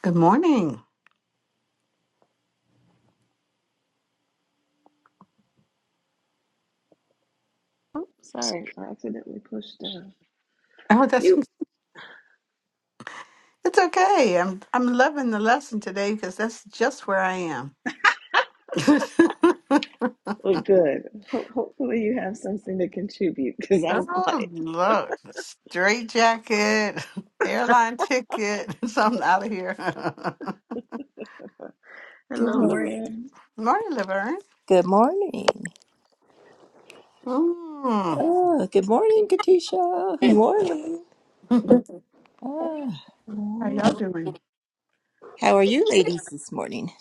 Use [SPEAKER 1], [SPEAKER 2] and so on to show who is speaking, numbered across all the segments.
[SPEAKER 1] Good morning.
[SPEAKER 2] Oops, sorry, I accidentally pushed uh
[SPEAKER 1] Oh, that's
[SPEAKER 2] You
[SPEAKER 1] it's okay. I'm I'm loving the lesson today because that's just where I am.
[SPEAKER 2] Well, good. Ho- hopefully, you have something to contribute because I'm
[SPEAKER 1] oh
[SPEAKER 2] like,
[SPEAKER 1] look, straight jacket, airline ticket, something out of here.
[SPEAKER 3] Good
[SPEAKER 2] hello,
[SPEAKER 1] mm.
[SPEAKER 3] morning.
[SPEAKER 2] Lorraine.
[SPEAKER 1] Morning, Laverne.
[SPEAKER 3] Good morning.
[SPEAKER 1] Mm.
[SPEAKER 3] Oh, good morning, Katisha.
[SPEAKER 2] Good morning.
[SPEAKER 1] How
[SPEAKER 3] Ah,
[SPEAKER 1] y'all doing?
[SPEAKER 3] how are you ladies this morning?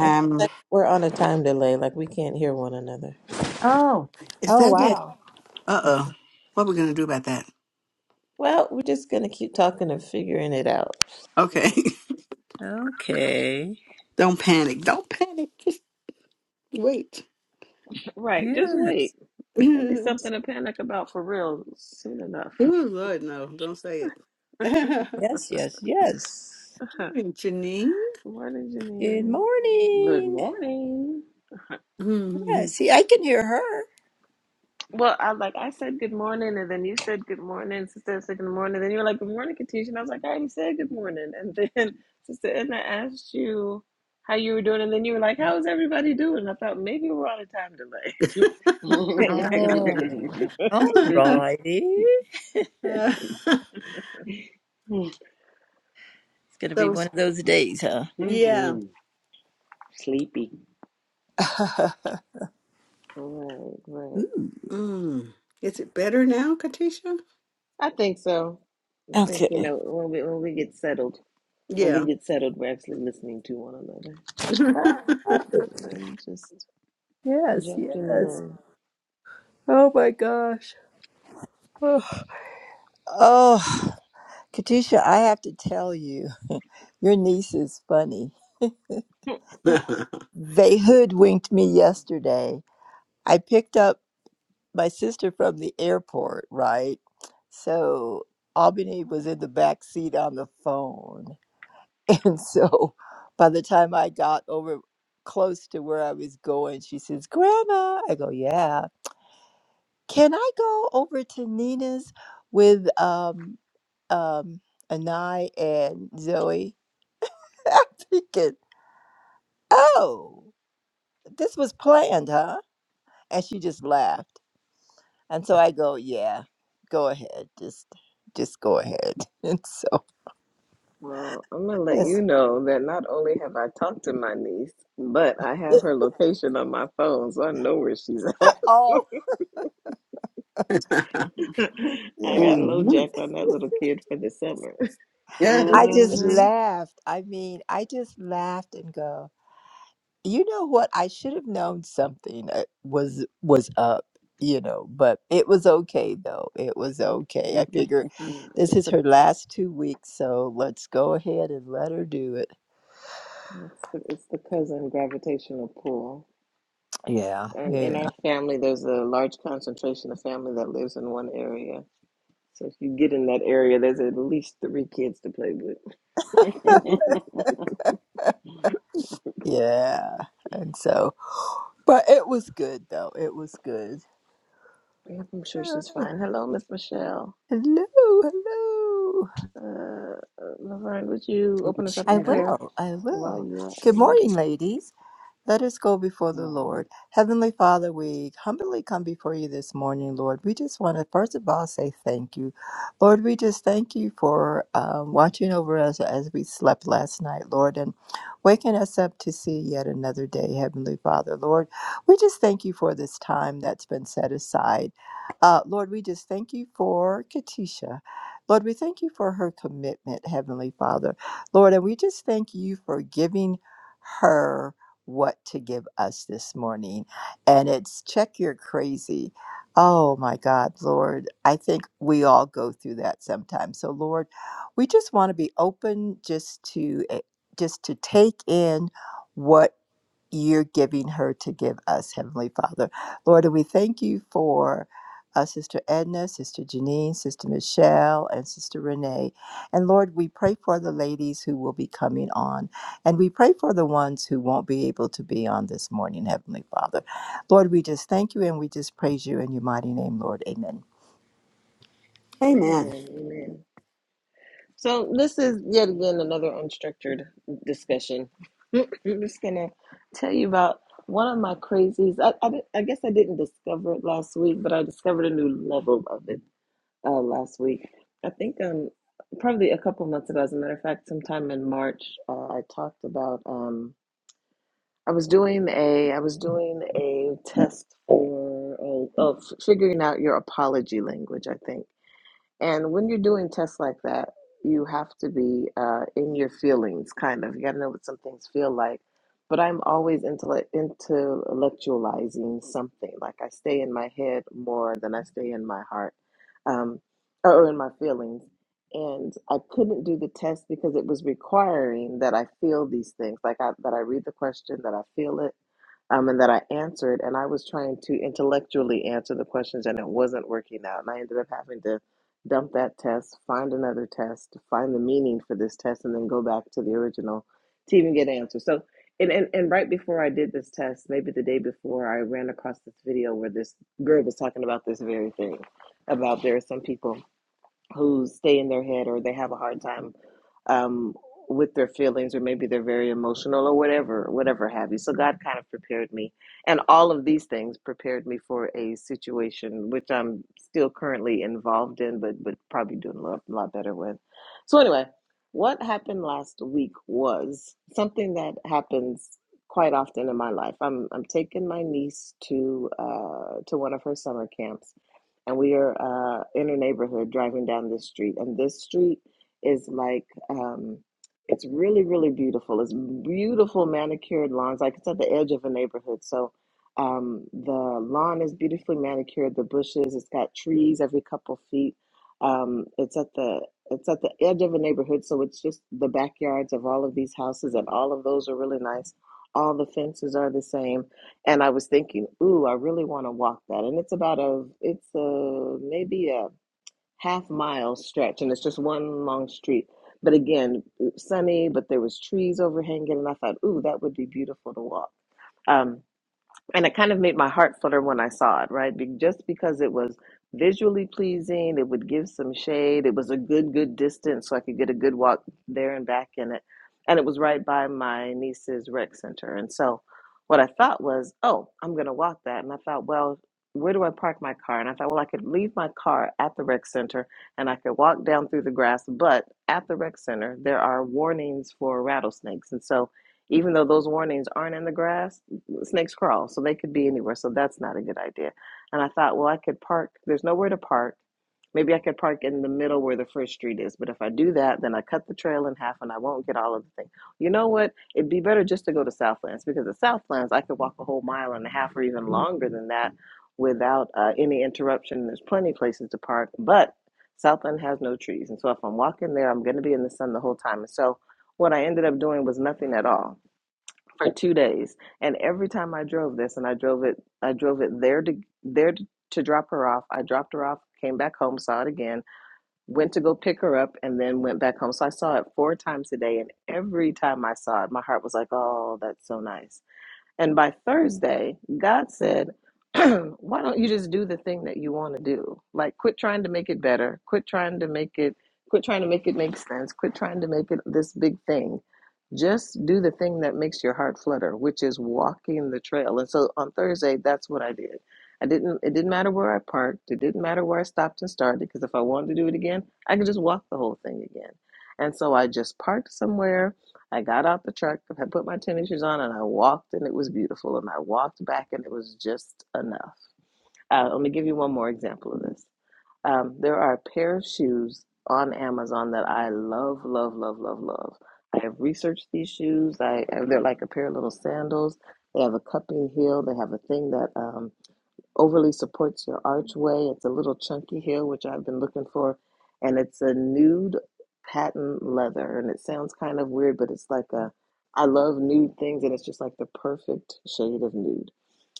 [SPEAKER 2] I feel like we're on a time delay, like we can't hear one another.
[SPEAKER 1] Oh, is
[SPEAKER 3] Oh,
[SPEAKER 1] that it?
[SPEAKER 3] wow.
[SPEAKER 1] Uh oh. What are we gonna do about that?
[SPEAKER 2] Well, we're just gonna keep talking and figuring it out.
[SPEAKER 1] Okay.
[SPEAKER 3] Okay.
[SPEAKER 1] Don't panic. Don't panic. Just wait.
[SPEAKER 2] Right, just
[SPEAKER 3] Yeah.
[SPEAKER 2] wait. There'll be something to panic about for real soon enough.
[SPEAKER 1] Ooh, Lord, no, don't say it.
[SPEAKER 3] Yes, yes, yes.
[SPEAKER 1] Morning, Janine.
[SPEAKER 2] Good morning,
[SPEAKER 3] Good
[SPEAKER 2] Janine.
[SPEAKER 4] Good
[SPEAKER 3] morning.
[SPEAKER 4] morning.
[SPEAKER 3] Yeah,
[SPEAKER 1] Mm.
[SPEAKER 3] see, I can hear her.
[SPEAKER 2] Well, I like I said good morning, and then you said good morning. Sister said good morning. Then you were like good morning, Katisha, and I was like I already said good morning. And then Sister Edna asked you how you were doing, and then you were like, "How's everybody doing?" I thought maybe we're on a time delay.
[SPEAKER 3] Oh. All righty.
[SPEAKER 1] Uh,
[SPEAKER 3] It's going to be
[SPEAKER 1] so,
[SPEAKER 3] one
[SPEAKER 1] it's-
[SPEAKER 3] of those days, huh?
[SPEAKER 1] yeah.
[SPEAKER 4] Mhm. Sleepy.
[SPEAKER 2] right, right.
[SPEAKER 1] Mm. Is it better now, Katisha?
[SPEAKER 2] I think so. I think you
[SPEAKER 3] okay.
[SPEAKER 2] know when we when we get settled, when we
[SPEAKER 1] Yeah.
[SPEAKER 2] get settled, we're actually listening to one another. But then just
[SPEAKER 3] Yes, yes.
[SPEAKER 2] jumping
[SPEAKER 3] Oh, my gosh. Oh. Oh. Katisha, I have to tell you, your niece is funny.
[SPEAKER 2] in.
[SPEAKER 3] They hoodwinked me yesterday. I picked up my sister from the airport, right? So Albany was in the back seat on the phone. And so by the time I got over close to where I was going, she says, Grandma. I go, Yeah. Can I go over to Nina's with um um Anai and Zoe? I oh, this was planned, huh? And she just laughed. And so I go, yeah, go ahead. Just just go ahead. And so
[SPEAKER 2] Well, I'm gonna let you
[SPEAKER 3] it's,
[SPEAKER 2] know that not only have I talked to my niece, but I have her location on my phone, so I know where she's at.
[SPEAKER 3] oh
[SPEAKER 4] hmm
[SPEAKER 2] I
[SPEAKER 3] yeah.
[SPEAKER 2] got low
[SPEAKER 1] Mhm.
[SPEAKER 2] jack on that little kid for the summer.
[SPEAKER 1] Yeah.
[SPEAKER 3] I just laughed. I mean, I just laughed and go, you know what? I should have known something uh, was was up, you know, but it was okay though. It was okay. I figure
[SPEAKER 2] Uh,
[SPEAKER 3] this
[SPEAKER 2] it's
[SPEAKER 3] is
[SPEAKER 2] a
[SPEAKER 3] her last two weeks, so let's go ahead and let her do it.
[SPEAKER 2] it's the, it's the cousin gravitational pull,
[SPEAKER 3] Yeah.
[SPEAKER 2] and
[SPEAKER 3] Yeah.
[SPEAKER 2] in our family, there's a large concentration of family that lives in one area. So if you get in that area, there's at least three kids to play with.
[SPEAKER 3] Yeah. And so, but it was good though. It was good.
[SPEAKER 2] Yep, I'm sure
[SPEAKER 3] Ah,
[SPEAKER 2] she's fine. Hello, Miss Michelle.
[SPEAKER 3] Hello, hello.
[SPEAKER 2] Uh, Laverne, would you open us up
[SPEAKER 3] I
[SPEAKER 2] in
[SPEAKER 1] Michelle.
[SPEAKER 2] prayer
[SPEAKER 3] will. I
[SPEAKER 2] while
[SPEAKER 3] will.
[SPEAKER 2] you are
[SPEAKER 3] Good
[SPEAKER 2] unmuted?
[SPEAKER 3] morning, ladies. Let us go before the Lord.
[SPEAKER 4] Morning.
[SPEAKER 3] Heavenly Father, we humbly come before you this morning, Lord. We just want to, first of all, say thank you. Lord, we just thank you for um, watching over us as we slept last night, Lord, and waking us up to see yet another day, Heavenly Father. Lord, we just thank you for this time that's been set aside. Uh, Lord, we just thank you for Katisha. Lord, we thank you for her commitment, Heavenly Father. Lord, and we just thank you for giving her what to give us this morning. And it's check your crazy. Oh my God, Lord, I think we all go through that sometimes. So Lord, we just want to be open just to eh, just to take in what you're giving her to give us, Heavenly Father. Lord, and we thank you for uh, Sister Edna, Sister Janine, Sister Michelle, and Sister Renee. And Lord, we pray for the ladies who will be coming on, and we pray for the ones who won't be able to be on this morning, Heavenly Father. Lord, we just thank you and we just praise you in your mighty name, Lord. Amen.
[SPEAKER 1] Hey man,
[SPEAKER 2] Amen. Amen. So this is yet again another unstructured discussion. I'm just gonna tell you about one of my crazies. I, I, di- I guess I didn't discover it last week, but I discovered a new level of it uh, last week. I think um probably a couple months ago, as a matter of fact, sometime in March, uh, I talked about. um. I was doing a I was doing a test for oh, of figuring out your apology language, I think. And when you're doing tests like that, you have to be uh, in your feelings, kind of. You got to know what some things feel like. But I'm always intele- intellectualizing something. Like I stay in my head more than I stay in my heart um, or in my feelings. And I couldn't do the test because it was requiring that I feel these things, like I, that I read the question, that I feel it um, and that I answered, and I was trying to intellectually answer the questions, and it wasn't working out. And I ended up having to dump that test, find another test, find the meaning for this test, and then go back to the original to even get an answer. So, and, and, and right before I did this test, maybe the day before, I ran across this video where this girl was talking about this very thing about there are some people who stay in their head or they have a hard time um, with their feelings or maybe they're very emotional or whatever, whatever have you. So God kind of prepared me. And all of these things prepared me for a situation which I'm still currently involved in, but, but probably doing a lot, a lot better with. So, anyway, what happened last week was something that happens quite often in my life. I'm, I'm taking my niece to, uh, to one of her summer camps and we are uh, in a neighborhood driving down this street and this street is like um, it's really really beautiful it's beautiful manicured lawns like it's at the edge of a neighborhood so um, the lawn is beautifully manicured the bushes it's got trees every couple feet um, it's at the it's at the edge of a neighborhood so it's just the backyards of all of these houses and all of those are really nice all the fences are the same and I was thinking, ooh, I really want to walk that. And it's about a, it's a maybe a half mile stretch, and it's just one long street. But again, sunny, but there was trees overhanging, and I thought, ooh, that would be beautiful to walk. Um, and it kind of made my heart flutter when I saw it, right? Be- Just because it was visually pleasing, it would give some shade. It was a good, good distance, so I could get a good walk there and back in it. And it was right by my niece's rec center. And so what I thought was, oh, I'm going to walk that. And I thought, well, where do I park my car? And I thought, well, I could leave my car at the rec center and I could walk down through the grass. But at the rec center, there are warnings for rattlesnakes. And so even though those warnings aren't in the grass, snakes crawl, so they could be anywhere. So that's not a good idea. And I thought, well, I could park. There's nowhere to park. Maybe I could park in the middle where the first street is. But if I do that, then I cut the trail in half and I won't get all of the thing. You know what? It'd be better just to go to Southlands because at Southlands, I could walk a whole mile and a half or even longer than that without uh, any interruption. There's plenty of places to park, but Southland has no trees. And so if I'm walking there, I'm going to be in the sun the whole time. And so what I ended up doing was nothing at all for two days. And every time I drove this, and I drove it, I drove it there to there to, drop her off. I dropped her off, came back home, saw it again, went to go pick her up, and then went back home. So I saw it four times a day, and every time I saw it, my heart was like, "Oh, that's so nice." And by Thursday, God said, Why don't you just do the thing that you want to do? Like, quit trying to make it better. Quit trying to make it, quit trying to make it make sense. Quit trying to make it this big thing. Just do the thing that makes your heart flutter, which is walking the trail. And so on Thursday, that's what I did. I didn't, it didn't matter where I parked. It didn't matter where I stopped and started because if I wanted to do it again, I could just walk the whole thing again. And so I just parked somewhere I got out the truck and I put my tennis shoes on and I walked and it was beautiful and I walked back and it was just enough. Uh, let me give you one more example of this. Um, there are a pair of shoes on Amazon that I love, love, love, love, love. I have researched these shoes. I they're like a pair of little sandals. They have a cupping heel. They have a thing that um, overly supports your archway. It's a little chunky here, which I've been looking for, and it's a nude patent leather. And it sounds kind of weird, but it's like a I love nude things, and it's just like the perfect shade of nude.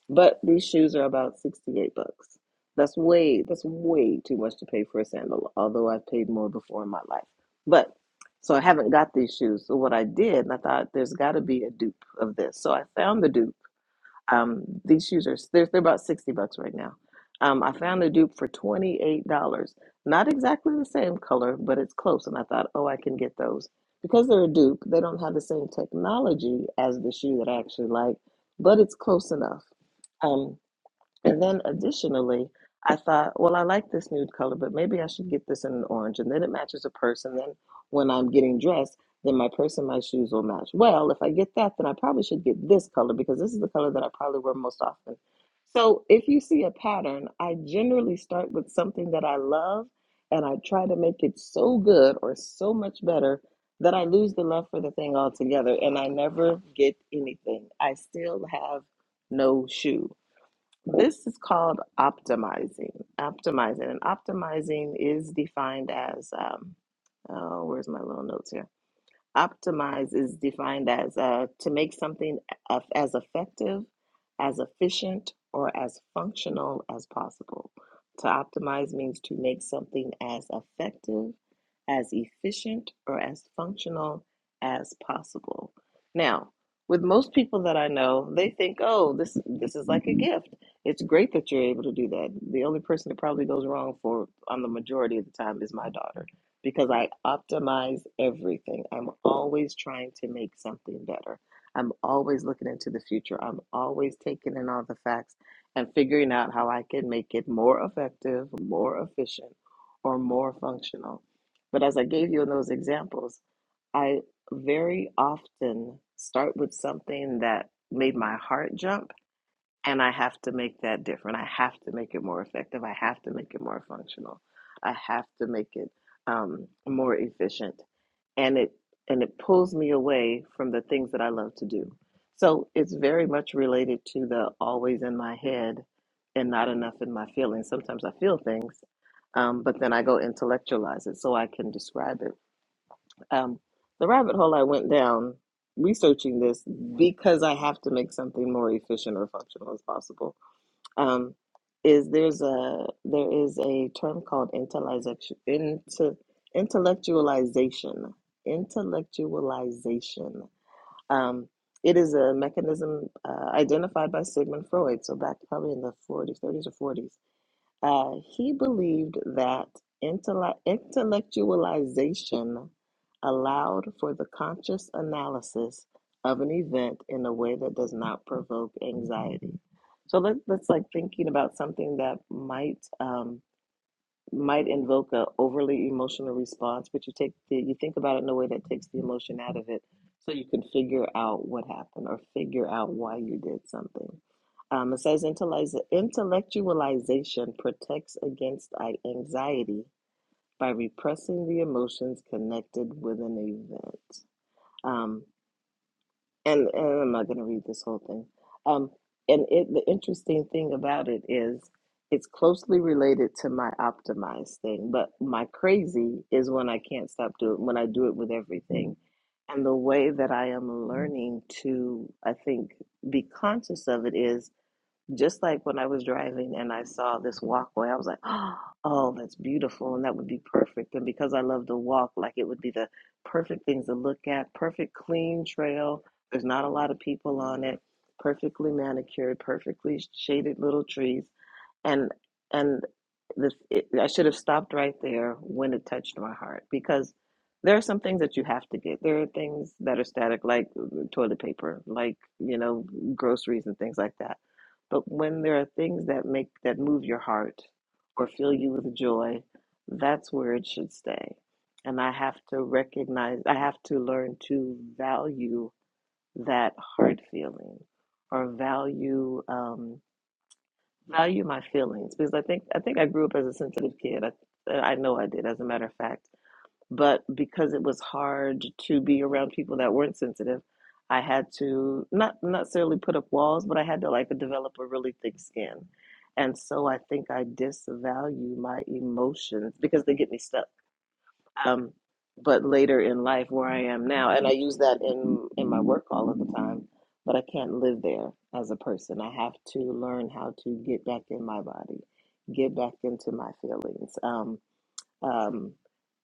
[SPEAKER 2] But these shoes are about 68 bucks. That's way that's way too much to pay for a sandal, although I've paid more before in my life. But so I haven't got these shoes. So what I did, and I thought there's got to be a dupe of this. So I found the dupe um, these shooters, they're, they're about 60 bucks right now. Um, I found a dupe for $28. Not exactly the same color, but it's close. And I thought, oh, I can get those. Because they're a dupe, they don't have the same technology as the shoe that I actually like, but it's close enough. Um, and then additionally, I thought, well, I like this nude color, but maybe I should get this in an orange. And then it matches a purse. And then when I'm getting dressed, then my purse and my shoes will match. Well, if I get that, then I probably should get this color because this is the color that I probably wear most often. So if you see a pattern, I generally start with something that I love and I try to make it so good or so much better that I lose the love for the thing altogether and I never get anything. I still have no shoe. This is called optimizing. Optimizing. And optimizing is defined as, um, oh, where's my little notes here? Optimize is defined as uh, to make something of, as effective, as efficient, or as functional as possible. To optimize means to make something as effective, as efficient, or as functional as possible. Now, with most people that I know, they think, "Oh, this this is like a gift. It's great that you're able to do that." The only person that probably goes wrong for on the majority of the time is my daughter because I optimize everything. I'm always trying to make something better. I'm always looking into the future. I'm always taking in all the facts and figuring out how I can make it more effective, more efficient, or more functional. But as I gave you in those examples, I very often start with something that made my heart jump and I have to make that different. I have to make it more effective. I have to make it more functional. I have to make it um, more efficient, and it and it pulls me away from the things that I love to do. So it's very much related to the always in my head and not enough in my feelings. Sometimes I feel things, um, but then I go intellectualize it so I can describe it. Um, the rabbit hole I went down researching this because I have to make something more efficient or functional as possible um, is there's a there is a term called intellectualization into intellectualization intellectualization um, it is a mechanism uh, identified by Sigmund Freud so back probably in the 40s 30s or 40s uh, he believed that intellect intellectualization allowed for the conscious analysis of an event in a way that does not provoke anxiety so let's let's like thinking about something that might um, might invoke a overly emotional response, but you take the you think about it in a way that takes the emotion out of it, so you can figure out what happened or figure out why you did something. Um, it says "Intelliza- intellectualization protects against i- anxiety by repressing the emotions connected with an event. Um and, and I'm not going to read this whole thing. Um, and it, the interesting thing about it is it's closely related to my optimized thing, but my crazy is when I can't stop doing when I do it with everything. And the way that I am learning to, I think, be conscious of it is just like when I was driving and I saw this walkway, I was like, oh, that's beautiful and that would be perfect. And because I love to walk, like it would be the perfect things to look at, perfect clean trail. There's not a lot of people on it, perfectly manicured, perfectly shaded little trees. And and this it, I should have stopped right there when it touched my heart because there are some things that you have to get. There are things that are static, like uh, toilet paper, like, you know, groceries and things like that but when there are things that make that move your heart or fill you with joy, that's where it should stay. And I have to recognize, I have to learn to value that heart feeling or value um, value my feelings because I think I think I grew up as a sensitive kid. I, I know I did, as a matter of fact but because it was hard to be around people that weren't sensitive, I had to not necessarily put up walls, but I had to like develop a really thick skin. And so I think I disvalue my emotions because they get me stuck. Um, but later in life, where I am now, and I use that in in my work all of the time, but I can't live there as a person. I have to learn how to get back in my body, get back into my feelings. Um, um,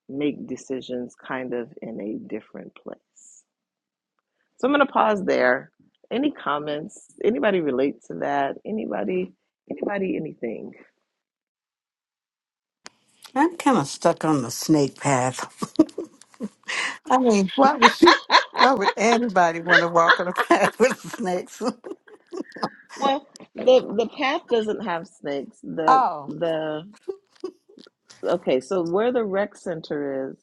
[SPEAKER 2] make decisions kind of in a different place. So I'm going to pause there. Any comments? Anybody relate to that? Anybody? Anybody? Anything?
[SPEAKER 1] I'm kind of stuck on the snake path. I mean, why would you? Why would anybody want to walk on a path with snakes?
[SPEAKER 2] Well, the the path doesn't have snakes. The
[SPEAKER 1] Oh,
[SPEAKER 2] the okay. So where the rec center is,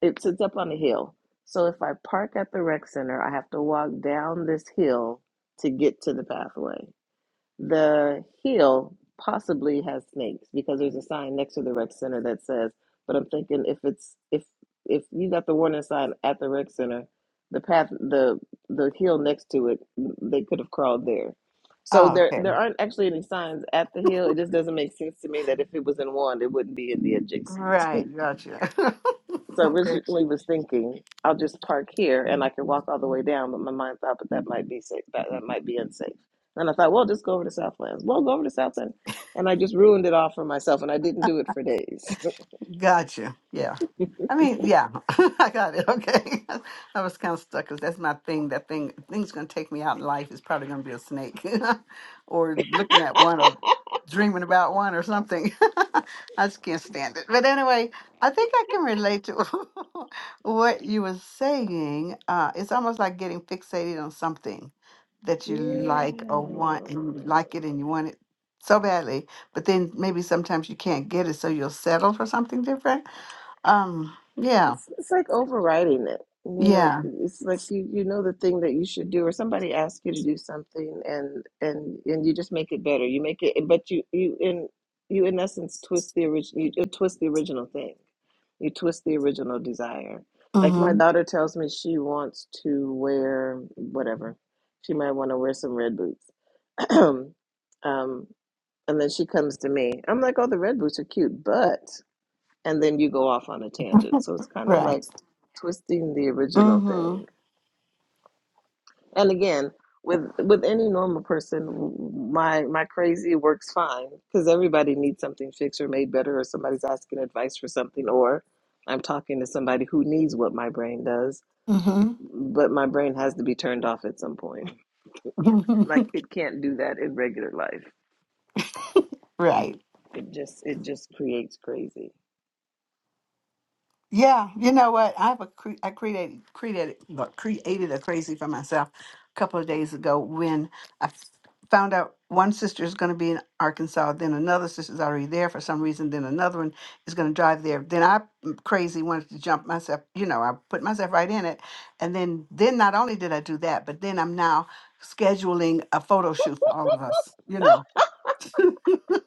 [SPEAKER 2] it sits up on a hill. So if I park at the rec center, I have to walk down this hill to get to the pathway. The hill possibly has snakes because there's a sign next to the rec center that says, but I'm thinking if it's if if you got the warning sign at the rec center, the path the the hill next to it, they could have crawled there. So
[SPEAKER 1] oh
[SPEAKER 2] there
[SPEAKER 1] okay,
[SPEAKER 2] there aren't actually any signs at the hill. It just doesn't make sense to me that if it was in one, it wouldn't be in the adjacent.
[SPEAKER 1] right, gotcha.
[SPEAKER 2] So I
[SPEAKER 1] okay.
[SPEAKER 2] originally was thinking I'll just park here and I can walk all the way down, but my mind thought, but that might be safe. That, that might be unsafe. And I thought, well, just go over to Southlands. Well, go over to Southland, and I just ruined it all for myself, and I didn't do it for days.
[SPEAKER 1] Gotcha. Yeah. I mean, yeah, I got it. Okay. I was kind of stuck because that's my thing. That thing, thing's going to take me out in life. It's probably going to be a snake or looking at one or dreaming about one or something. I just can't stand it. But anyway, I think I can relate to what you were saying. Uh, it's almost like getting fixated on something that you Mhm.
[SPEAKER 2] yeah.
[SPEAKER 1] like or want and you like it and you want it so badly but then maybe sometimes you can't get it, so you'll settle for something different. Um, yeah,
[SPEAKER 2] It's, it's like overriding it. You know,
[SPEAKER 1] yeah,
[SPEAKER 2] it's like you you know the thing that you should do, or somebody asks you to do something, and and and you just make it better. You make it, but you you in you in essence twist the original. You, twist the original thing. You twist the original desire. Like my
[SPEAKER 1] mm-hmm,
[SPEAKER 2] daughter tells me she wants to wear whatever. She might want to wear some red boots. um, and then she comes to me. I'm like, oh, the red boots are cute, but and then you go off on a tangent. So it's kind of like
[SPEAKER 1] right,
[SPEAKER 2] twisting the original
[SPEAKER 1] mm-hmm,
[SPEAKER 2] thing. And again, with with any normal person, my my crazy works fine because everybody needs something fixed or made better, or somebody's asking advice for something, or I'm talking to somebody who needs what my brain does, but my brain has to be turned off at some point.
[SPEAKER 1] mm-hmm,
[SPEAKER 2] Like it can't do that in regular life.
[SPEAKER 1] right.
[SPEAKER 2] It just it just creates crazy.
[SPEAKER 1] Yeah, you know what? I have a cre- I created created look, created a crazy for myself a couple of days ago when I f- found out one sister is going to be in Arkansas, then another sister's already there for some reason, then another one is going to drive there. Then I mm, crazy wanted to jump myself, you know, I put myself right in it, and then then not only did I do that, but then I'm now scheduling a photo shoot for all of us, you know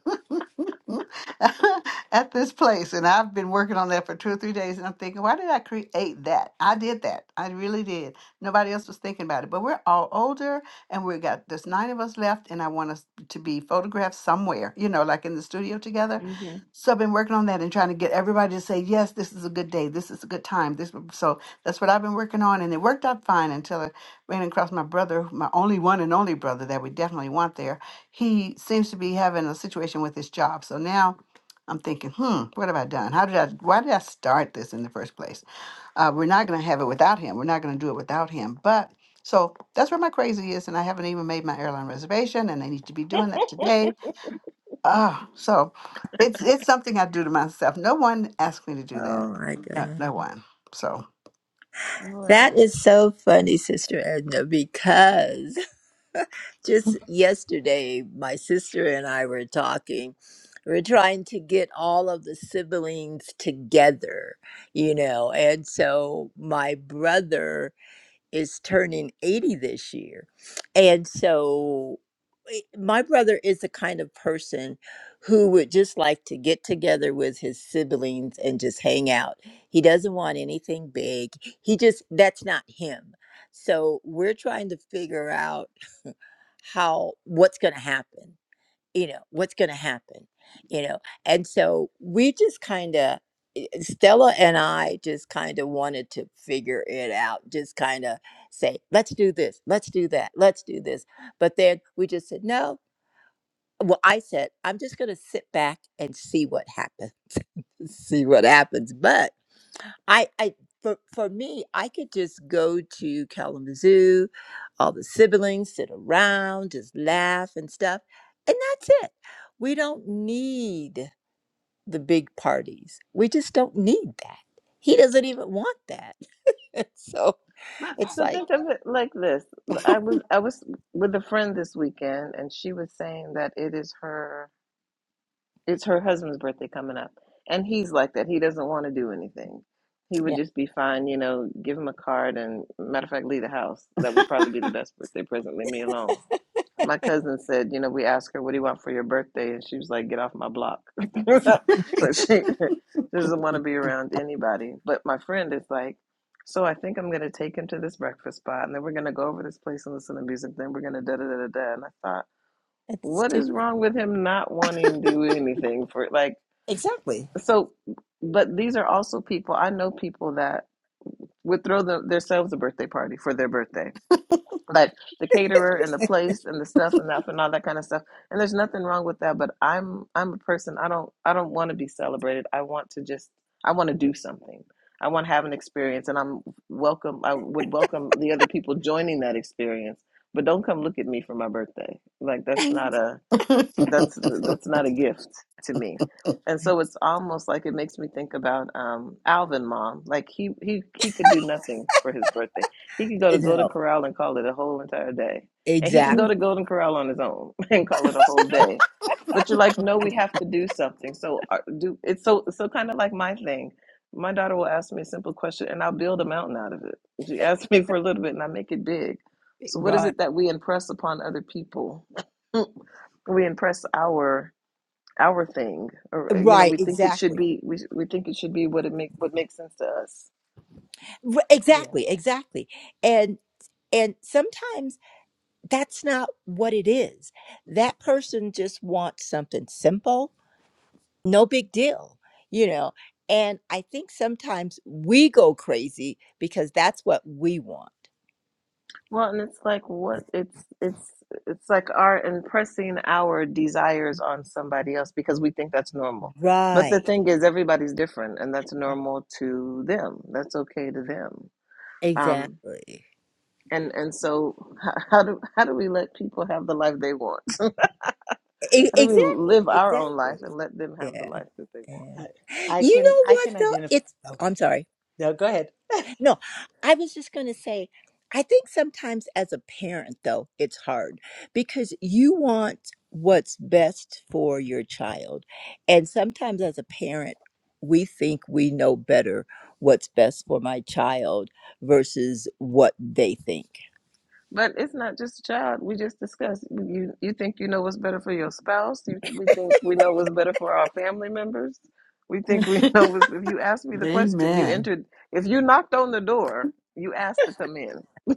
[SPEAKER 1] at this place. And I've been working on that for two or three days. And I'm thinking, why did I create that? I did that. I really did. Nobody else was thinking about it. But we're all older and we got there's nine of us left. And I want us to be photographed somewhere, you know, like in the studio together.
[SPEAKER 2] Mm-hmm.
[SPEAKER 1] So I've been working on that and trying to get everybody to say, yes, this is a good day. This is a good time. This so that's what I've been working on. And it worked out fine until I ran across my brother, my only one and only brother that we definitely want there he seems to be having a situation with his job. So now I'm thinking, hmm, what have I done? How did I, why did I start this in the first place? Uh, we're not going to have it without him. We're not going to do it without him. But so that's where my crazy is. And I haven't even made my airline reservation and I need to be doing that today. Oh, so it's, it's something I do to myself. No one asked me to do that.
[SPEAKER 3] Oh my
[SPEAKER 1] No,
[SPEAKER 3] God.
[SPEAKER 1] no one. So,
[SPEAKER 2] All right.
[SPEAKER 3] That is so funny, Sister Edna, because Just yesterday, my sister and I were talking. We are trying to get all of the siblings together, you know. And so my brother is turning 80 this year. And so i- my brother is the kind of person who would just like to get together with his siblings and just hang out. He doesn't want anything big. He just, that's not him. So we're trying to figure out how what's going to happen you know what's going to happen you know and so we just kind of stella and i just kind of wanted to figure it out just kind of say let's do this let's do that let's do this but then we just said no well i said i'm just going to sit back and see what happens see what happens but. I, I for, for me, I could just go to Kalamazoo, all the siblings sit around, just laugh and stuff, and that's it. We don't need the big parties. We just don't need that. He doesn't even want that. so
[SPEAKER 2] My-
[SPEAKER 3] it's
[SPEAKER 2] So
[SPEAKER 3] like,
[SPEAKER 2] think of it like this. I was I was with a friend this weekend and she was saying that it is her it's her husband's birthday coming up. And he's like that. He doesn't want to do anything. He would
[SPEAKER 3] Yeah,
[SPEAKER 2] just be fine, you know, give him a card and matter of fact leave the house. That would probably be the best birthday present. Leave me alone. My cousin said, you know, we asked her, what do you want for your birthday? And she was like, get off my block. so she doesn't want to be around anybody. But my friend is like, so I think I'm going to take him to this breakfast spot and then we're going to go over this place and listen to music. Then we're going to da da da da da. And I thought,
[SPEAKER 3] it's
[SPEAKER 2] what is
[SPEAKER 3] stupid.
[SPEAKER 2] wrong with him not wanting to do anything for like,
[SPEAKER 3] exactly.
[SPEAKER 2] so, but these are also people, I know people that would throw them, themselves a birthday party for their birthday like the caterer and the place and the stuff and that and all that kind of stuff. And there's nothing wrong with that, but I'm I'm a person I don't I don't want to be celebrated. I want to just I want to do something. I want to have an experience and I'm welcome I would welcome the other people joining that experience. But don't come look at me for my birthday. Like that's not a that's that's not a gift to me. And so it's almost like it makes me think about um, Alvin mom. Like he, he he could do nothing for his birthday. He could go to Golden
[SPEAKER 3] No,
[SPEAKER 2] Corral and call it a whole entire day. And he could go
[SPEAKER 3] exactly.
[SPEAKER 2] to Golden Corral on his own and call it a whole day. But you're like, no, we have to do something. So uh, do it's so so kind of like my thing. My daughter will ask me a simple question, and I'll build a mountain out of it. She asks me for a little bit, and I make it big. So what is
[SPEAKER 3] Right.
[SPEAKER 2] it that we impress upon other people? we impress our our thing or uh, you know
[SPEAKER 3] Right,
[SPEAKER 2] we think it should
[SPEAKER 3] exactly.
[SPEAKER 2] be we, we think it should be what it make what makes sense to us
[SPEAKER 3] R-
[SPEAKER 4] Yeah,
[SPEAKER 3] Exactly, exactly. And and sometimes that's not what it is. That person just wants something simple, no big deal, you know. And I think sometimes we go crazy because that's what we want.
[SPEAKER 2] well and it's like what it's it's it's like our impressing our desires on somebody else because we think that's normal but the
[SPEAKER 3] Right.
[SPEAKER 2] thing is everybody's different and that's normal to them that's okay to them um
[SPEAKER 3] Exactly.
[SPEAKER 2] and and so how, how do how do we let people have the life they want
[SPEAKER 3] E-
[SPEAKER 2] how do we
[SPEAKER 3] exactly,
[SPEAKER 2] live our own
[SPEAKER 3] exactly.
[SPEAKER 2] life and let them have the
[SPEAKER 3] Yeah,
[SPEAKER 2] life that they want
[SPEAKER 3] yeah.
[SPEAKER 4] I, I
[SPEAKER 3] You
[SPEAKER 4] can
[SPEAKER 3] know
[SPEAKER 4] I
[SPEAKER 3] what
[SPEAKER 4] can
[SPEAKER 3] though?
[SPEAKER 4] identify.
[SPEAKER 3] It's
[SPEAKER 4] Oh,
[SPEAKER 3] I'm sorry.
[SPEAKER 4] no, go ahead.
[SPEAKER 3] No, I was just going to say, I think sometimes as a parent, though, it's hard because you want what's best for your child. And sometimes as a parent, we think we know better what's best for my child versus what they think.
[SPEAKER 2] But it's not just a child. We just discussed. You you think you know what's better for your spouse. You, we think we know what's better for our family members. We think we know what's. If you ask me the question, you
[SPEAKER 1] amen.
[SPEAKER 2] entered. If you knocked on the door, you asked to come in.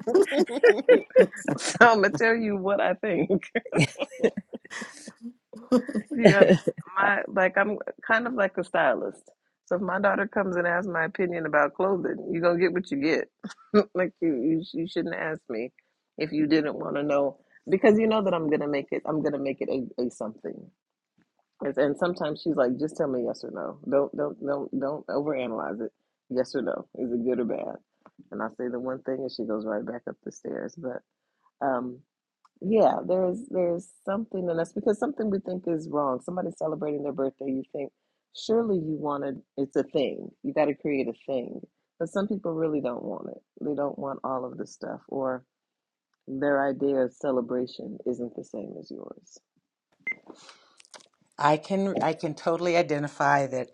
[SPEAKER 2] so I'm gonna tell you what I think. You have my like I'm kind of like a stylist. So if my daughter comes and asks my opinion about clothing, you're gonna get what you get. like you, you you shouldn't ask me if you didn't want to know because you know that I'm gonna make it I'm gonna make it a, a something. It's- And sometimes she's like, just tell me yes or no. Don't don't don't don't overanalyze it. Yes or no. Is it good or bad? And I say the one thing and she goes right back up the stairs. But um yeah, there's there's something in us because something we think is wrong. Somebody's celebrating their birthday, you think surely you want to. It's a thing. You got to create a thing. But some people really don't want it. They don't want all of this stuff, or their idea of celebration isn't the same as yours.
[SPEAKER 4] I can I can totally identify that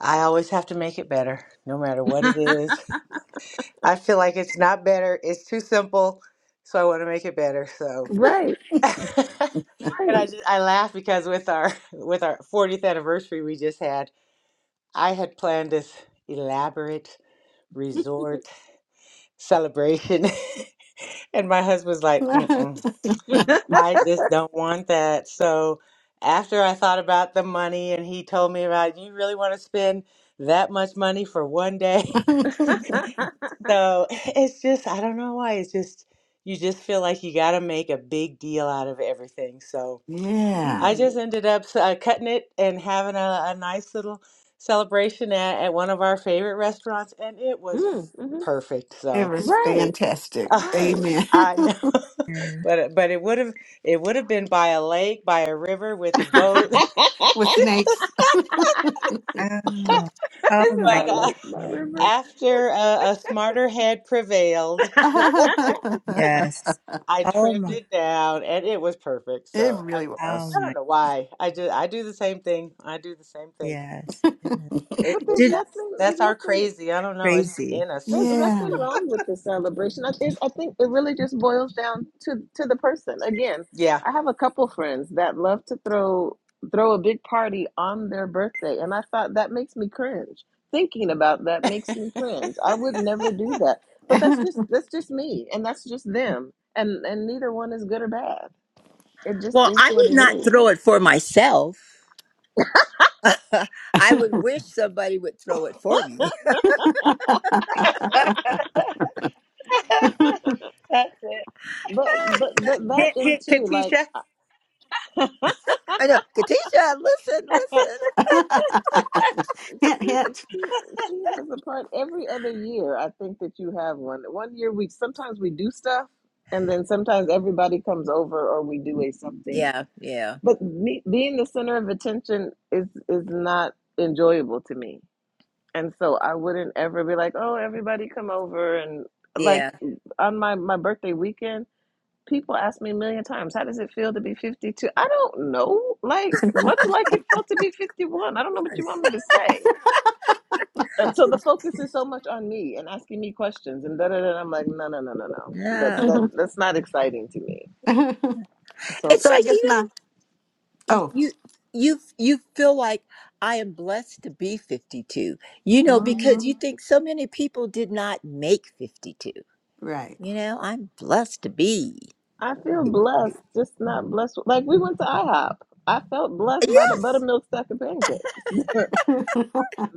[SPEAKER 4] I always have to make it better, no matter what it is. I feel like it's not better; it's too simple, so I want to make it better. So,
[SPEAKER 2] Right,
[SPEAKER 4] and
[SPEAKER 2] right.
[SPEAKER 4] I just I laugh because with our with our 40th anniversary we just had. I had planned this elaborate resort celebration, and my husband's like, Mm-mm, I just don't want that. So, after I thought about the money, and he told me about, you really want to spend that much money for one day? So, it's just, I don't know why. It's just, you just feel like you got to make a big deal out of everything. So,
[SPEAKER 1] yeah.
[SPEAKER 4] I just
[SPEAKER 2] right.
[SPEAKER 4] ended up uh, cutting it and having a, a nice little celebration at, at one of our favorite restaurants, and it
[SPEAKER 2] Mm,
[SPEAKER 4] was
[SPEAKER 2] hmm
[SPEAKER 4] perfect.
[SPEAKER 1] It
[SPEAKER 4] So
[SPEAKER 1] was
[SPEAKER 2] Right,
[SPEAKER 1] fantastic.
[SPEAKER 4] uh,
[SPEAKER 2] right.
[SPEAKER 1] Amen.
[SPEAKER 4] I know,
[SPEAKER 3] Mm.
[SPEAKER 4] but but it would have it would have been by a lake, by a river, with a boat.
[SPEAKER 1] With snakes.
[SPEAKER 3] Oh, oh
[SPEAKER 2] Isn't
[SPEAKER 3] my
[SPEAKER 2] my
[SPEAKER 4] But uh,
[SPEAKER 2] lake my
[SPEAKER 3] God.
[SPEAKER 2] river?
[SPEAKER 4] after uh, a smarter head prevailed,
[SPEAKER 1] it
[SPEAKER 3] Yes.
[SPEAKER 4] I
[SPEAKER 3] Oh
[SPEAKER 4] trimmed
[SPEAKER 3] my,
[SPEAKER 4] it down, and it was perfect. So I,
[SPEAKER 1] really
[SPEAKER 4] I
[SPEAKER 3] oh
[SPEAKER 1] was.
[SPEAKER 4] don't
[SPEAKER 3] my,
[SPEAKER 4] know why. I do I do the same thing. I do the same thing.
[SPEAKER 3] yes.
[SPEAKER 2] But
[SPEAKER 4] It, it
[SPEAKER 2] there's
[SPEAKER 3] Just
[SPEAKER 4] that's
[SPEAKER 2] nothing. There's
[SPEAKER 4] that's our
[SPEAKER 2] nothing.
[SPEAKER 4] crazy. I don't know. It's just
[SPEAKER 3] crazy.
[SPEAKER 4] in us.
[SPEAKER 2] There's
[SPEAKER 1] Yeah.
[SPEAKER 2] nothing wrong with the celebration. I think I think it really just boils down to to the person. Again,
[SPEAKER 4] Yeah.
[SPEAKER 2] I have a couple friends that love to throw throw a big party on their birthday, and I thought that makes me cringe. Thinking about that
[SPEAKER 4] That's
[SPEAKER 2] makes me cringe. I would never do that. But that's
[SPEAKER 1] hint,
[SPEAKER 2] just that's just me, and that's just them, and and neither one is good or bad. It just
[SPEAKER 3] Well,
[SPEAKER 2] is
[SPEAKER 3] I
[SPEAKER 2] what
[SPEAKER 3] would
[SPEAKER 2] it
[SPEAKER 3] not
[SPEAKER 2] is.
[SPEAKER 3] throw it for myself. I would wish somebody would throw it for me.
[SPEAKER 4] it.
[SPEAKER 2] But but but that
[SPEAKER 4] Hit hit
[SPEAKER 2] into like
[SPEAKER 4] Katisha.
[SPEAKER 3] I know, Katisha, listen,
[SPEAKER 2] I,
[SPEAKER 3] listen.
[SPEAKER 2] she
[SPEAKER 1] hint.
[SPEAKER 2] she she has a part every other year. I think that you have one. One year we sometimes we do stuff, and then sometimes everybody comes over or we do a something.
[SPEAKER 3] Yeah, yeah,
[SPEAKER 2] But me being the center of attention is is not enjoyable to me, and so I wouldn't ever be like, oh, everybody come over and like
[SPEAKER 3] yeah.
[SPEAKER 2] on my my birthday weekend. People ask me a million times, how does it feel to be 52? I don't know. Like, much like it felt to be 51. I don't know what you want me to say. And so the focus is so much on me and asking me questions and da da da. I'm like, no, no, no, no, no. That
[SPEAKER 3] Yeah,
[SPEAKER 2] that that's not exciting to me. So
[SPEAKER 3] it's
[SPEAKER 1] so I
[SPEAKER 3] like
[SPEAKER 1] guess my,
[SPEAKER 3] you know, y-
[SPEAKER 1] oh,
[SPEAKER 3] you you you feel like I am blessed to be fifty two. You know, because
[SPEAKER 1] hmm
[SPEAKER 3] you think so many people did not make fifty two.
[SPEAKER 1] right.
[SPEAKER 3] You know, I'm blessed to be.
[SPEAKER 2] I feel blessed, just not blessed. Like we went to IHOP. I felt blessed by the
[SPEAKER 3] Yes.
[SPEAKER 2] buttermilk stack of pancakes. the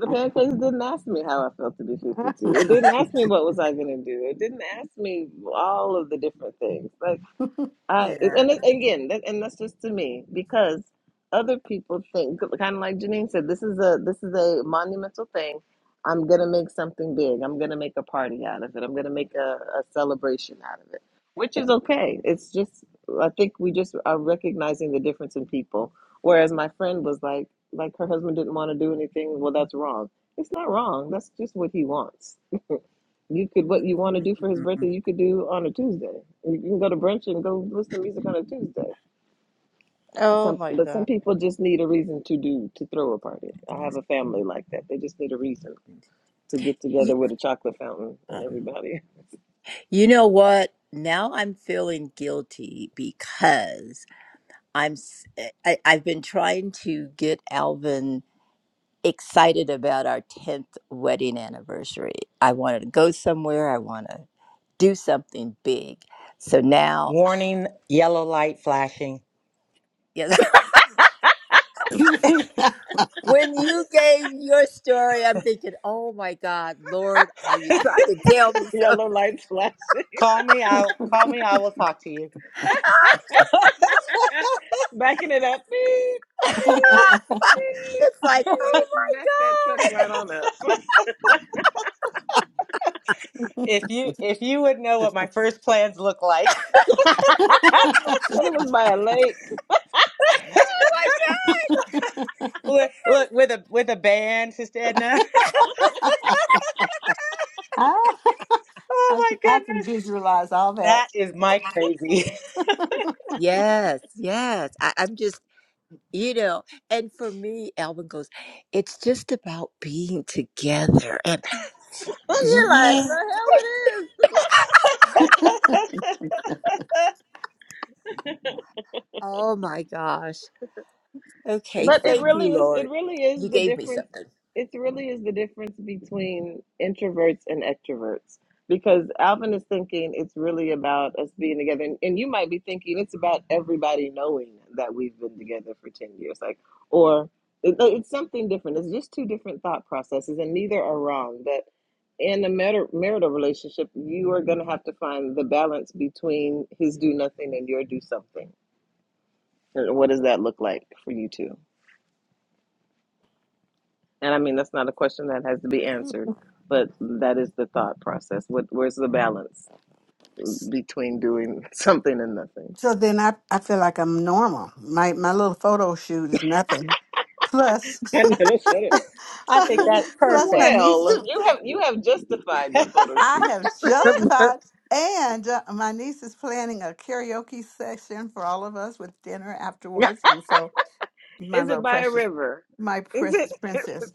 [SPEAKER 2] pancakes didn't ask me how I felt to be 52. It didn't ask me what was I going to do. It didn't ask me all of the different things. Like. I
[SPEAKER 3] Yeah.
[SPEAKER 2] and it, again, that, and that's just to me because other people think, kind of like Janine said, this is a this is a monumental thing. I'm gonna make something big. I'm gonna make a party out of it. I'm gonna make a, a celebration out of it, which is okay. It's just I think we just are recognizing the difference in people. Whereas my friend was like, like her husband didn't want to do anything. Well, that's wrong. It's not wrong. That's just what he wants. You could what you want to do for his
[SPEAKER 3] Mhm.
[SPEAKER 2] birthday, you could do on a Tuesday. You can go to brunch and go listen to music on a Tuesday.
[SPEAKER 3] Oh
[SPEAKER 2] Some,
[SPEAKER 3] my
[SPEAKER 2] but some
[SPEAKER 3] god.
[SPEAKER 2] people just need a reason to do to throw a party. I have
[SPEAKER 3] Things.
[SPEAKER 2] a family like that. They just need a reason to get
[SPEAKER 3] You,
[SPEAKER 2] together with a chocolate fountain and everybody
[SPEAKER 3] You know what? Now I'm feeling guilty because I'm s- eh, I, have been trying to get Alvin excited about our 10th wedding anniversary. I wanted to go somewhere, I want to do something big. So now
[SPEAKER 4] Warning, yellow light flashing.
[SPEAKER 3] yeah, when you gave your story, I'm thinking, "Oh my god, Lord, are you trying to tell me something?"
[SPEAKER 2] yellow lights flashing,
[SPEAKER 4] Call me out. Call me. I will talk to you.
[SPEAKER 2] backing it up, beep, beep, beep,
[SPEAKER 3] it's like, "Oh my
[SPEAKER 2] beep. back that truck
[SPEAKER 3] god.
[SPEAKER 2] right on up.
[SPEAKER 4] If you if you would know what my first plans look like.
[SPEAKER 2] Said it was by a lake, and
[SPEAKER 3] Oh my
[SPEAKER 4] look, look with a with a band, Sister Edna.
[SPEAKER 1] Ah,
[SPEAKER 4] oh
[SPEAKER 1] I,
[SPEAKER 4] my
[SPEAKER 1] can, I can
[SPEAKER 4] goodness.
[SPEAKER 1] visualize all that.
[SPEAKER 4] That is my
[SPEAKER 3] god."
[SPEAKER 4] crazy.
[SPEAKER 3] Yes, yes. I, I'm just, you know, and for me, Alvin goes, it's just about being together. And
[SPEAKER 2] you're like, the
[SPEAKER 3] yeah,
[SPEAKER 2] hell it is.
[SPEAKER 3] oh my gosh. Okay,
[SPEAKER 2] But it
[SPEAKER 3] thank
[SPEAKER 2] really
[SPEAKER 3] you,
[SPEAKER 2] is it
[SPEAKER 3] Lord.
[SPEAKER 2] really
[SPEAKER 3] You
[SPEAKER 2] is the
[SPEAKER 3] gave me
[SPEAKER 2] difference
[SPEAKER 3] something.
[SPEAKER 2] it really is the difference between introverts and extroverts because Alvin is thinking it's really about us being together and, and you might be thinking it's about everybody knowing that we've been together for 10 years like or it, no, it's something different it's just two different thought processes and neither are wrong that in a mar- marital relationship you are going to have to find the balance between his do nothing and your do something And what does that look like for you two And I mean, that's not a question that has to be answered, but that is the thought process. What, where's the balance between doing something and nothing?
[SPEAKER 1] So then I, I feel like I'm normal. My my little photo shoot is nothing. Plus,
[SPEAKER 2] I never said it.
[SPEAKER 4] I think
[SPEAKER 2] W-
[SPEAKER 4] that's
[SPEAKER 1] plus my
[SPEAKER 4] perfect.
[SPEAKER 1] niece.
[SPEAKER 2] Well, you have you have justified your photo
[SPEAKER 1] I
[SPEAKER 2] shoot.
[SPEAKER 1] have justified, and uh, my niece is planning a karaoke session for all of us with dinner
[SPEAKER 2] But
[SPEAKER 1] afterwards. And so, my
[SPEAKER 2] is it
[SPEAKER 1] little
[SPEAKER 2] by a
[SPEAKER 1] precious,
[SPEAKER 2] river?
[SPEAKER 1] my
[SPEAKER 2] Is it
[SPEAKER 1] precious princess,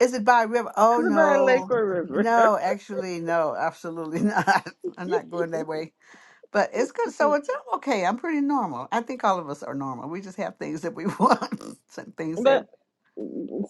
[SPEAKER 1] is it by river? Oh
[SPEAKER 2] is it by a lake
[SPEAKER 1] no,
[SPEAKER 2] or a river?
[SPEAKER 1] no, actually, no, absolutely not. I'm not going that way. But it's good. So it's I'm okay. I'm pretty normal. I think all of us are normal. We just have things that we want, some things that
[SPEAKER 2] But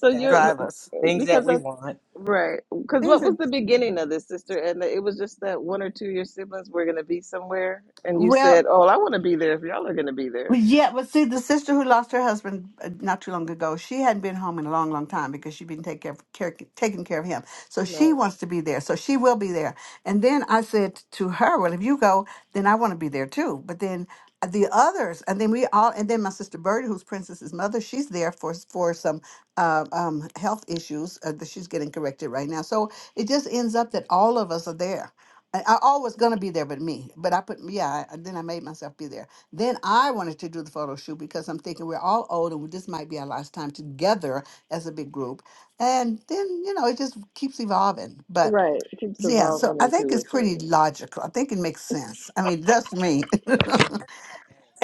[SPEAKER 2] so
[SPEAKER 4] That's
[SPEAKER 2] you're but-
[SPEAKER 4] it.
[SPEAKER 1] drive us.
[SPEAKER 4] Things that we
[SPEAKER 2] because
[SPEAKER 4] want.
[SPEAKER 2] Right. Because
[SPEAKER 1] Things
[SPEAKER 2] what
[SPEAKER 1] that
[SPEAKER 2] was the beginning of this, sister? And it was just that one or two of your siblings were going to be somewhere, and you
[SPEAKER 1] well,
[SPEAKER 2] said, "Oh, I want to be there if y'all are going to be there."
[SPEAKER 1] Well, Yeah, but see, the sister who lost her husband uh, not too long ago, she hadn't been home in a long, long time because she'd been taking care of, care, taking care of him. So she
[SPEAKER 2] Right.
[SPEAKER 1] wants to be there. So she will be there. And then I said to her, "Well, if you go, then I want to be there too." But then uh, the others, and then we all, and then my sister Birdie, who's Princess's mother, she's there for for some uh, um, health issues uh, that she's getting corrected right now. So it just ends up that all of us are there. I, I always gonna be there, but me. But I put, yeah. I, then I made myself be there. Then I wanted to do the photo shoot because I'm thinking we're all old and this might be our last time together as a big group. And then, you know, it just keeps evolving. But
[SPEAKER 2] Right. It keeps
[SPEAKER 1] yeah, so
[SPEAKER 2] evolving
[SPEAKER 1] I think
[SPEAKER 2] into a
[SPEAKER 1] it's pretty
[SPEAKER 2] thing.
[SPEAKER 1] logical. I think it makes sense. I mean, that's me. and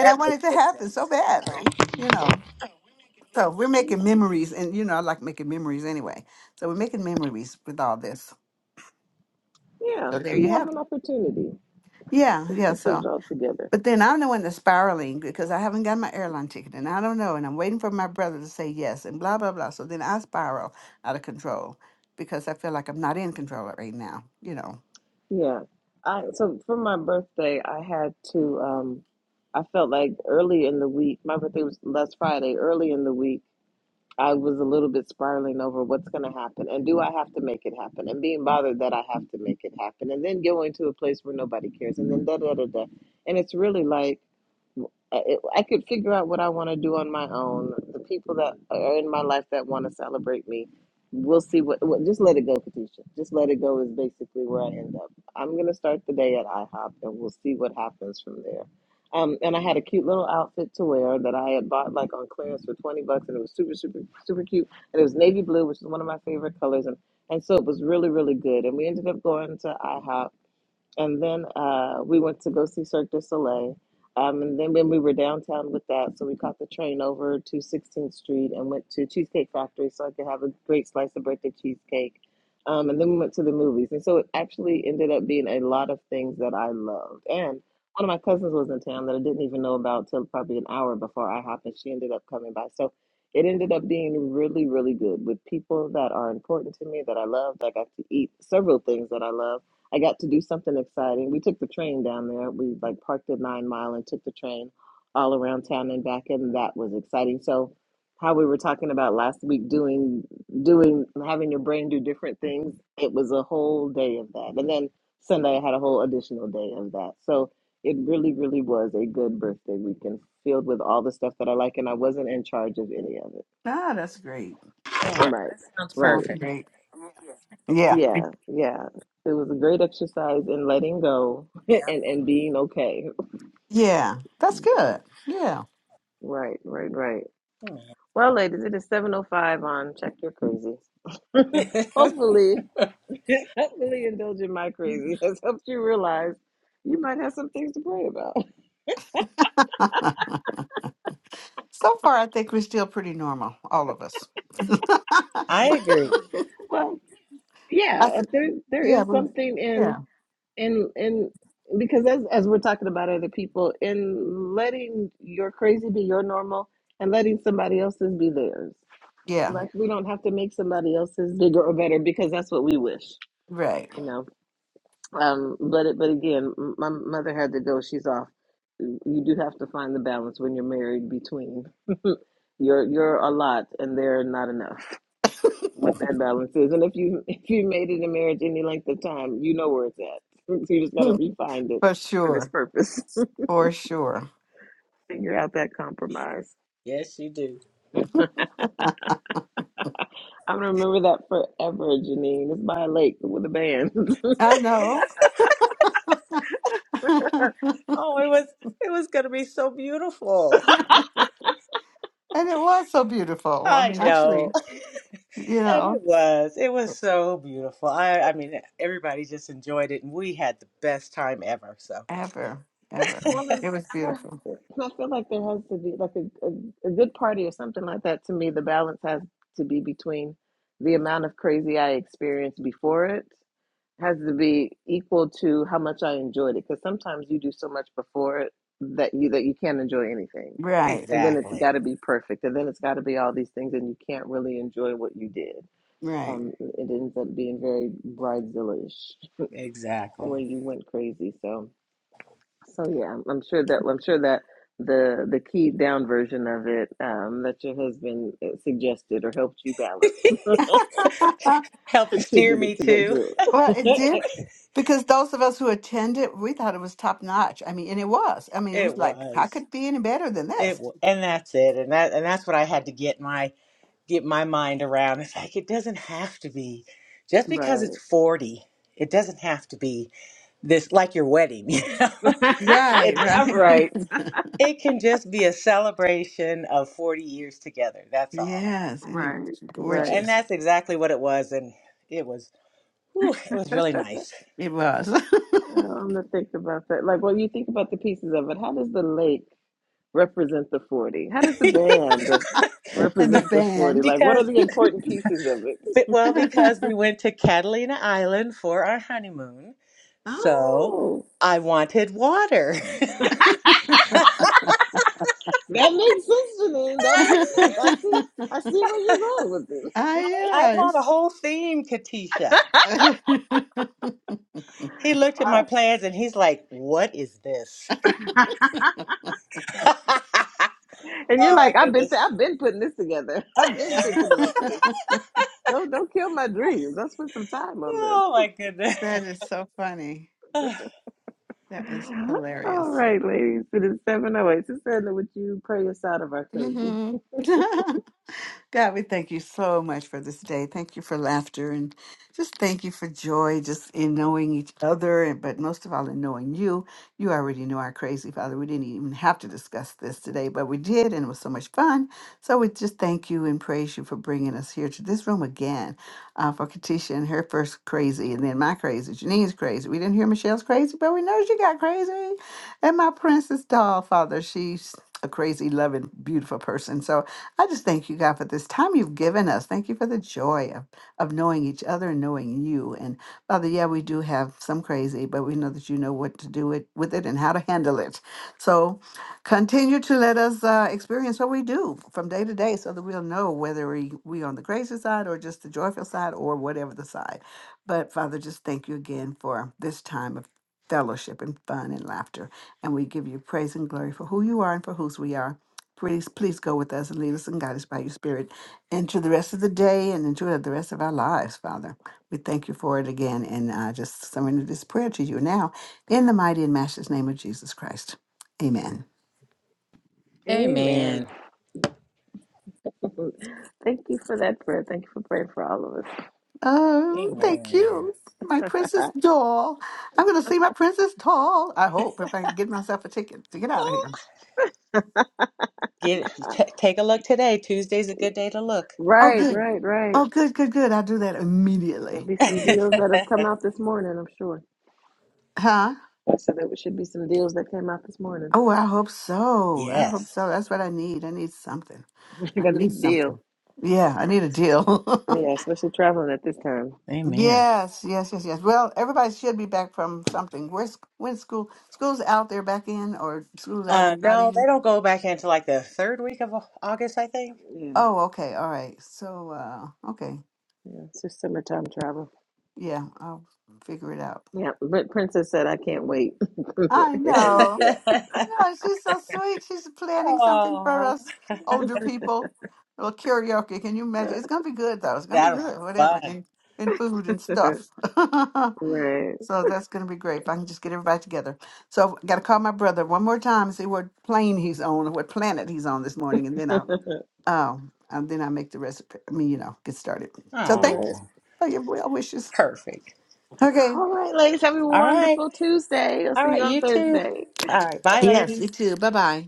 [SPEAKER 4] That
[SPEAKER 1] I want
[SPEAKER 4] makes
[SPEAKER 1] it to
[SPEAKER 4] good
[SPEAKER 1] happen so
[SPEAKER 4] sense.
[SPEAKER 1] badly, you know. So we're making memories. And, you know, I like making memories anyway. So we're making memories with all this.
[SPEAKER 2] Yeah.
[SPEAKER 1] So there
[SPEAKER 2] So
[SPEAKER 1] you
[SPEAKER 2] you have
[SPEAKER 1] have it.
[SPEAKER 2] an opportunity
[SPEAKER 1] Yeah,
[SPEAKER 2] to,
[SPEAKER 1] yeah.
[SPEAKER 2] to put
[SPEAKER 1] So
[SPEAKER 2] it all together.
[SPEAKER 1] But then I'm the one that's spiraling because I haven't got my airline ticket and I don't know. And I'm waiting for my brother to say yes and blah, blah, blah. So then I spiral out of control because I feel like I'm not in control right now, you know.
[SPEAKER 2] Yeah. I so for my birthday I had to um I felt like early in the week, my birthday was last Friday, early in the week. I was a little bit spiraling over what's going to happen and do I have to make it happen and being bothered that I have to make it happen and then going to a place where nobody cares and then da da da da. And it's really like I I could figure out what I want to do on my own. The people that are in my life that want to celebrate me, we'll see what, what. Just let it go, Katisha. Just let it go is basically where I end up. I'm gonna start the day at IHOP, and we'll see what happens from there. Um, and I had a cute little outfit to wear that I had bought like on clearance for twenty bucks, and it was super, super, super cute. And it was navy blue, which is one of my favorite colors, and and so it was really, really good. And we ended up going to IHOP and then uh, we went to go see Cirque du Soleil. Um, and then when we were downtown with that, so we caught the train over to 16th Street and went to Cheesecake Factory so I could have a great slice of birthday cheesecake. Um, and then we went to the movies. And so it actually ended up being a lot of things that I loved. And one of my cousins was in town that I didn't even know about till probably an hour before I happened. She ended up coming by. So it ended up being really, really good with people that are important to me that I love. I got to eat several things that I love I got to do something exciting. We took the train down there. We like parked at Nine Mile and took the train all around town and back, and that was exciting. So, how we were talking about last week, doing, doing, having your brain do different things, it was a whole day of that. And then Sunday, I had a whole additional day of that. So, it really, really was a good birthday weekend filled with all the stuff that I like, and I wasn't in charge of any of it.
[SPEAKER 1] Ah, that's great.
[SPEAKER 4] Yeah,
[SPEAKER 2] Right,
[SPEAKER 4] that sounds
[SPEAKER 2] right.
[SPEAKER 1] Sounds
[SPEAKER 4] perfect.
[SPEAKER 1] great. Yeah.
[SPEAKER 2] Yeah, yeah. It was a great exercise in letting go and
[SPEAKER 4] Yeah.
[SPEAKER 2] and being okay.
[SPEAKER 1] Yeah. That's good. Yeah.
[SPEAKER 2] Right, right, right. Well, ladies, it is 7:05 on Check Your Crazy.
[SPEAKER 4] Amen.
[SPEAKER 2] Hopefully, hopefully indulging my crazy has helped you realize you might have some things to pray about.
[SPEAKER 1] so far, I think we're still pretty normal, all of us. I
[SPEAKER 4] I agree.
[SPEAKER 2] Well, yeah, uh,
[SPEAKER 1] said,
[SPEAKER 2] there there
[SPEAKER 1] yeah.
[SPEAKER 2] is
[SPEAKER 1] We,
[SPEAKER 2] something in
[SPEAKER 1] yeah.
[SPEAKER 2] in in because as as we're talking about other people in letting your crazy be your normal and letting somebody else's be theirs
[SPEAKER 1] Yeah.
[SPEAKER 2] like we don't have to make somebody else's bigger or better because that's what we wish
[SPEAKER 1] Right.
[SPEAKER 2] you know um but it but again m- my mother had to go she's off you do have to find the balance when you're married between you're you're a lot and they're not enough what that balance is and if you if you made it in marriage any length of time you know where it's at so you just got to
[SPEAKER 1] for
[SPEAKER 2] refine it for this
[SPEAKER 1] sure.
[SPEAKER 2] purpose
[SPEAKER 1] For sure.
[SPEAKER 2] figure out that compromise
[SPEAKER 4] Yes, you do.
[SPEAKER 2] i'm gonna remember that forever janine it's by a lake with a band
[SPEAKER 1] I know. and
[SPEAKER 4] Oh, it was it was gonna be so beautiful.
[SPEAKER 1] it was so beautiful. I
[SPEAKER 4] I
[SPEAKER 1] mean,
[SPEAKER 4] know.
[SPEAKER 1] actually, you
[SPEAKER 4] And it
[SPEAKER 1] know,
[SPEAKER 4] was. It was so beautiful. I I mean everybody just enjoyed it and we had the best time ever, so
[SPEAKER 1] ever, ever.
[SPEAKER 2] Well, and
[SPEAKER 1] It was
[SPEAKER 2] and
[SPEAKER 1] beautiful.
[SPEAKER 2] there, and I feel like there has to be like a, a, a good party or something like that. To me, the balance has to be between the amount of crazy I experienced before it has to be equal to how much I enjoyed it. Because sometimes you do so much before it that you that you can't enjoy anything,
[SPEAKER 1] Right,
[SPEAKER 2] and then it's got
[SPEAKER 4] Exactly.
[SPEAKER 2] to be perfect, and then it's got to be all these things, and you can't really enjoy what you did.
[SPEAKER 1] right.
[SPEAKER 2] Um, it ends up being very bridezilla-ish
[SPEAKER 4] Exactly.
[SPEAKER 2] when you went crazy. So. So yeah, I'm I'm sure that I'm sure that the the keyed down version of it um, that your husband uh, suggested or helped you balance
[SPEAKER 1] well,
[SPEAKER 4] Helped steer me
[SPEAKER 2] contributed to that
[SPEAKER 4] too.
[SPEAKER 1] it
[SPEAKER 2] joy.
[SPEAKER 1] did because those of us who attended, we thought it was top notch. I mean, and it was. I mean, it
[SPEAKER 4] It
[SPEAKER 1] was like, how
[SPEAKER 4] was.
[SPEAKER 1] could it be any better than
[SPEAKER 4] It
[SPEAKER 1] this?
[SPEAKER 4] w- and that's it, and that and that's what I had to get my get my mind around. It's like it doesn't have to be just because it's
[SPEAKER 2] right.
[SPEAKER 4] forty. It doesn't have to be this like your wedding, you know.
[SPEAKER 1] Right,
[SPEAKER 4] It
[SPEAKER 1] right.
[SPEAKER 2] right.
[SPEAKER 4] it can just be a celebration of forty years together. That's all.
[SPEAKER 1] Yes, and it
[SPEAKER 2] Right.
[SPEAKER 1] was
[SPEAKER 4] So,
[SPEAKER 2] Right.
[SPEAKER 4] and
[SPEAKER 1] gorgeous.
[SPEAKER 4] that's exactly what it was, and it was whew, it was really nice
[SPEAKER 1] It was.
[SPEAKER 2] Oh, I'm gonna think about that. Like when you think about the pieces of it, how does the lake represent the 40? How does the band
[SPEAKER 1] and the
[SPEAKER 2] represent the 40?
[SPEAKER 1] band.
[SPEAKER 2] Like what are
[SPEAKER 4] because
[SPEAKER 2] the important pieces of it?
[SPEAKER 4] but- well because we went to Catalina Island for our honeymoon, so
[SPEAKER 2] Oh.
[SPEAKER 4] I wanted water.
[SPEAKER 2] That makes sense, Janine. That makes sense. I see. I see where you're going with this.
[SPEAKER 1] ah,
[SPEAKER 4] I, I had a
[SPEAKER 1] yes.
[SPEAKER 4] whole theme, Katisha. He looked at my
[SPEAKER 2] Wow.
[SPEAKER 4] plans and he's like, What is this? oh
[SPEAKER 2] And you're like,
[SPEAKER 4] my
[SPEAKER 2] I've been,
[SPEAKER 4] goodness.
[SPEAKER 2] th- I've been putting this together. I've been thinking about this. Don't, don't kill my dreams. I spent some time on
[SPEAKER 4] oh
[SPEAKER 2] this.
[SPEAKER 4] my goodness.
[SPEAKER 1] That is so funny. That is
[SPEAKER 2] All
[SPEAKER 1] hilarious.
[SPEAKER 2] right, ladies. It is seven oh eight. Susanna, would you pray us out of our crazy?
[SPEAKER 1] hmm God, we thank you so much for this day. Thank you for laughter and just thank you for joy, just in knowing each other, and but most of all in knowing you. You already know our crazy Father. We didn't even have to discuss this today, but we did, and it was so much fun. So we just thank you and praise you for bringing us here to this room again uh, for Katisha and her first crazy, and then my crazy, Janine's crazy. We didn't hear Michelle's crazy, but we know she got crazy. And my princess doll, Father, she's a crazy, loving, beautiful person. So I just thank you, God, for this time you've given us. Thank you for the joy of, of knowing each other and knowing you. And Father, yeah, we do have some crazy, but we know that you know what to do it, with it and how to handle it. So continue to let us uh, experience what we do from day to day so that we'll know whether we, we on the crazy side or just the joyful side or whatever the side. But Father, just thank you again for this time of fellowship and fun and laughter. And we give you praise and glory for who you are and for whose we are. Please, please go with us and lead us and guide us by your spirit into the rest of the day and into the rest of our lives, Father. We thank you for it again and I just surrender this prayer to you now in the mighty and matchless name of Jesus Christ. Amen.
[SPEAKER 2] Amen.
[SPEAKER 4] Amen.
[SPEAKER 2] Thank you for that prayer. Thank you for praying for all of us.
[SPEAKER 1] Oh, thank
[SPEAKER 4] Amen.
[SPEAKER 1] you, my princess doll. I'm going to see my princess doll. I hope if I can get myself a ticket to get out of
[SPEAKER 4] Oh,
[SPEAKER 1] here.
[SPEAKER 4] get t- take a look today. Tuesday's a good day to look.
[SPEAKER 1] Oh,
[SPEAKER 2] Right,
[SPEAKER 1] good.
[SPEAKER 2] right, right.
[SPEAKER 1] Oh, good, good, good. I'll do that
[SPEAKER 2] There'll
[SPEAKER 1] immediately.
[SPEAKER 2] be some deals
[SPEAKER 1] Immediately.
[SPEAKER 2] that have come out this morning. I'm sure.
[SPEAKER 1] Huh?
[SPEAKER 2] I said there should be some deals that came out this morning.
[SPEAKER 1] Oh, I hope so. I hope
[SPEAKER 4] yes.
[SPEAKER 1] so. That's what I need. I need something.
[SPEAKER 2] I
[SPEAKER 1] I
[SPEAKER 2] got a
[SPEAKER 1] need
[SPEAKER 2] deal.
[SPEAKER 1] something. Yeah, I need a deal.
[SPEAKER 2] Yeah, especially traveling at this time.
[SPEAKER 4] Amen.
[SPEAKER 1] yes, yes, yes, yes. Well, everybody should be back from something. Where's when school? School's out there back in, or school's out
[SPEAKER 4] Uh,
[SPEAKER 1] there not
[SPEAKER 4] no, they
[SPEAKER 1] in?
[SPEAKER 4] don't go back into like the third week of Au- August, I think.
[SPEAKER 2] Yeah,
[SPEAKER 1] Oh, okay, all right. So, uh, okay,
[SPEAKER 2] yeah, it's just summertime travel.
[SPEAKER 1] yeah, I'll figure it out.
[SPEAKER 2] Yeah, but Princess said, I can't wait
[SPEAKER 1] I
[SPEAKER 2] in the
[SPEAKER 1] know.
[SPEAKER 2] chat.
[SPEAKER 1] I know, she's so sweet. She's planning something for
[SPEAKER 4] oh,
[SPEAKER 1] us older people. A little karaoke. Can you imagine? It's gonna be good though. It's gonna be
[SPEAKER 4] that'll be
[SPEAKER 1] good, whatever,
[SPEAKER 4] fun.
[SPEAKER 1] and and food and stuff.
[SPEAKER 2] right,
[SPEAKER 1] so that's gonna be great if I can just get everybody together. So I gotta call my brother one more time and see what plane he's on or what planet he's on this morning, and then I'll um and then I make the recipe. I mean, you know, get started. So thank you
[SPEAKER 2] right.
[SPEAKER 4] Oh.
[SPEAKER 1] for your well wishes.
[SPEAKER 4] Perfect.
[SPEAKER 1] Okay.
[SPEAKER 2] All right, ladies, have a
[SPEAKER 4] All right.
[SPEAKER 2] wonderful Tuesday. I'll
[SPEAKER 4] All
[SPEAKER 2] see you
[SPEAKER 4] right.
[SPEAKER 2] on
[SPEAKER 4] You too.
[SPEAKER 2] Thursday.
[SPEAKER 4] All right. Bye,
[SPEAKER 1] Yes,
[SPEAKER 4] ladies.
[SPEAKER 1] you too. Bye bye.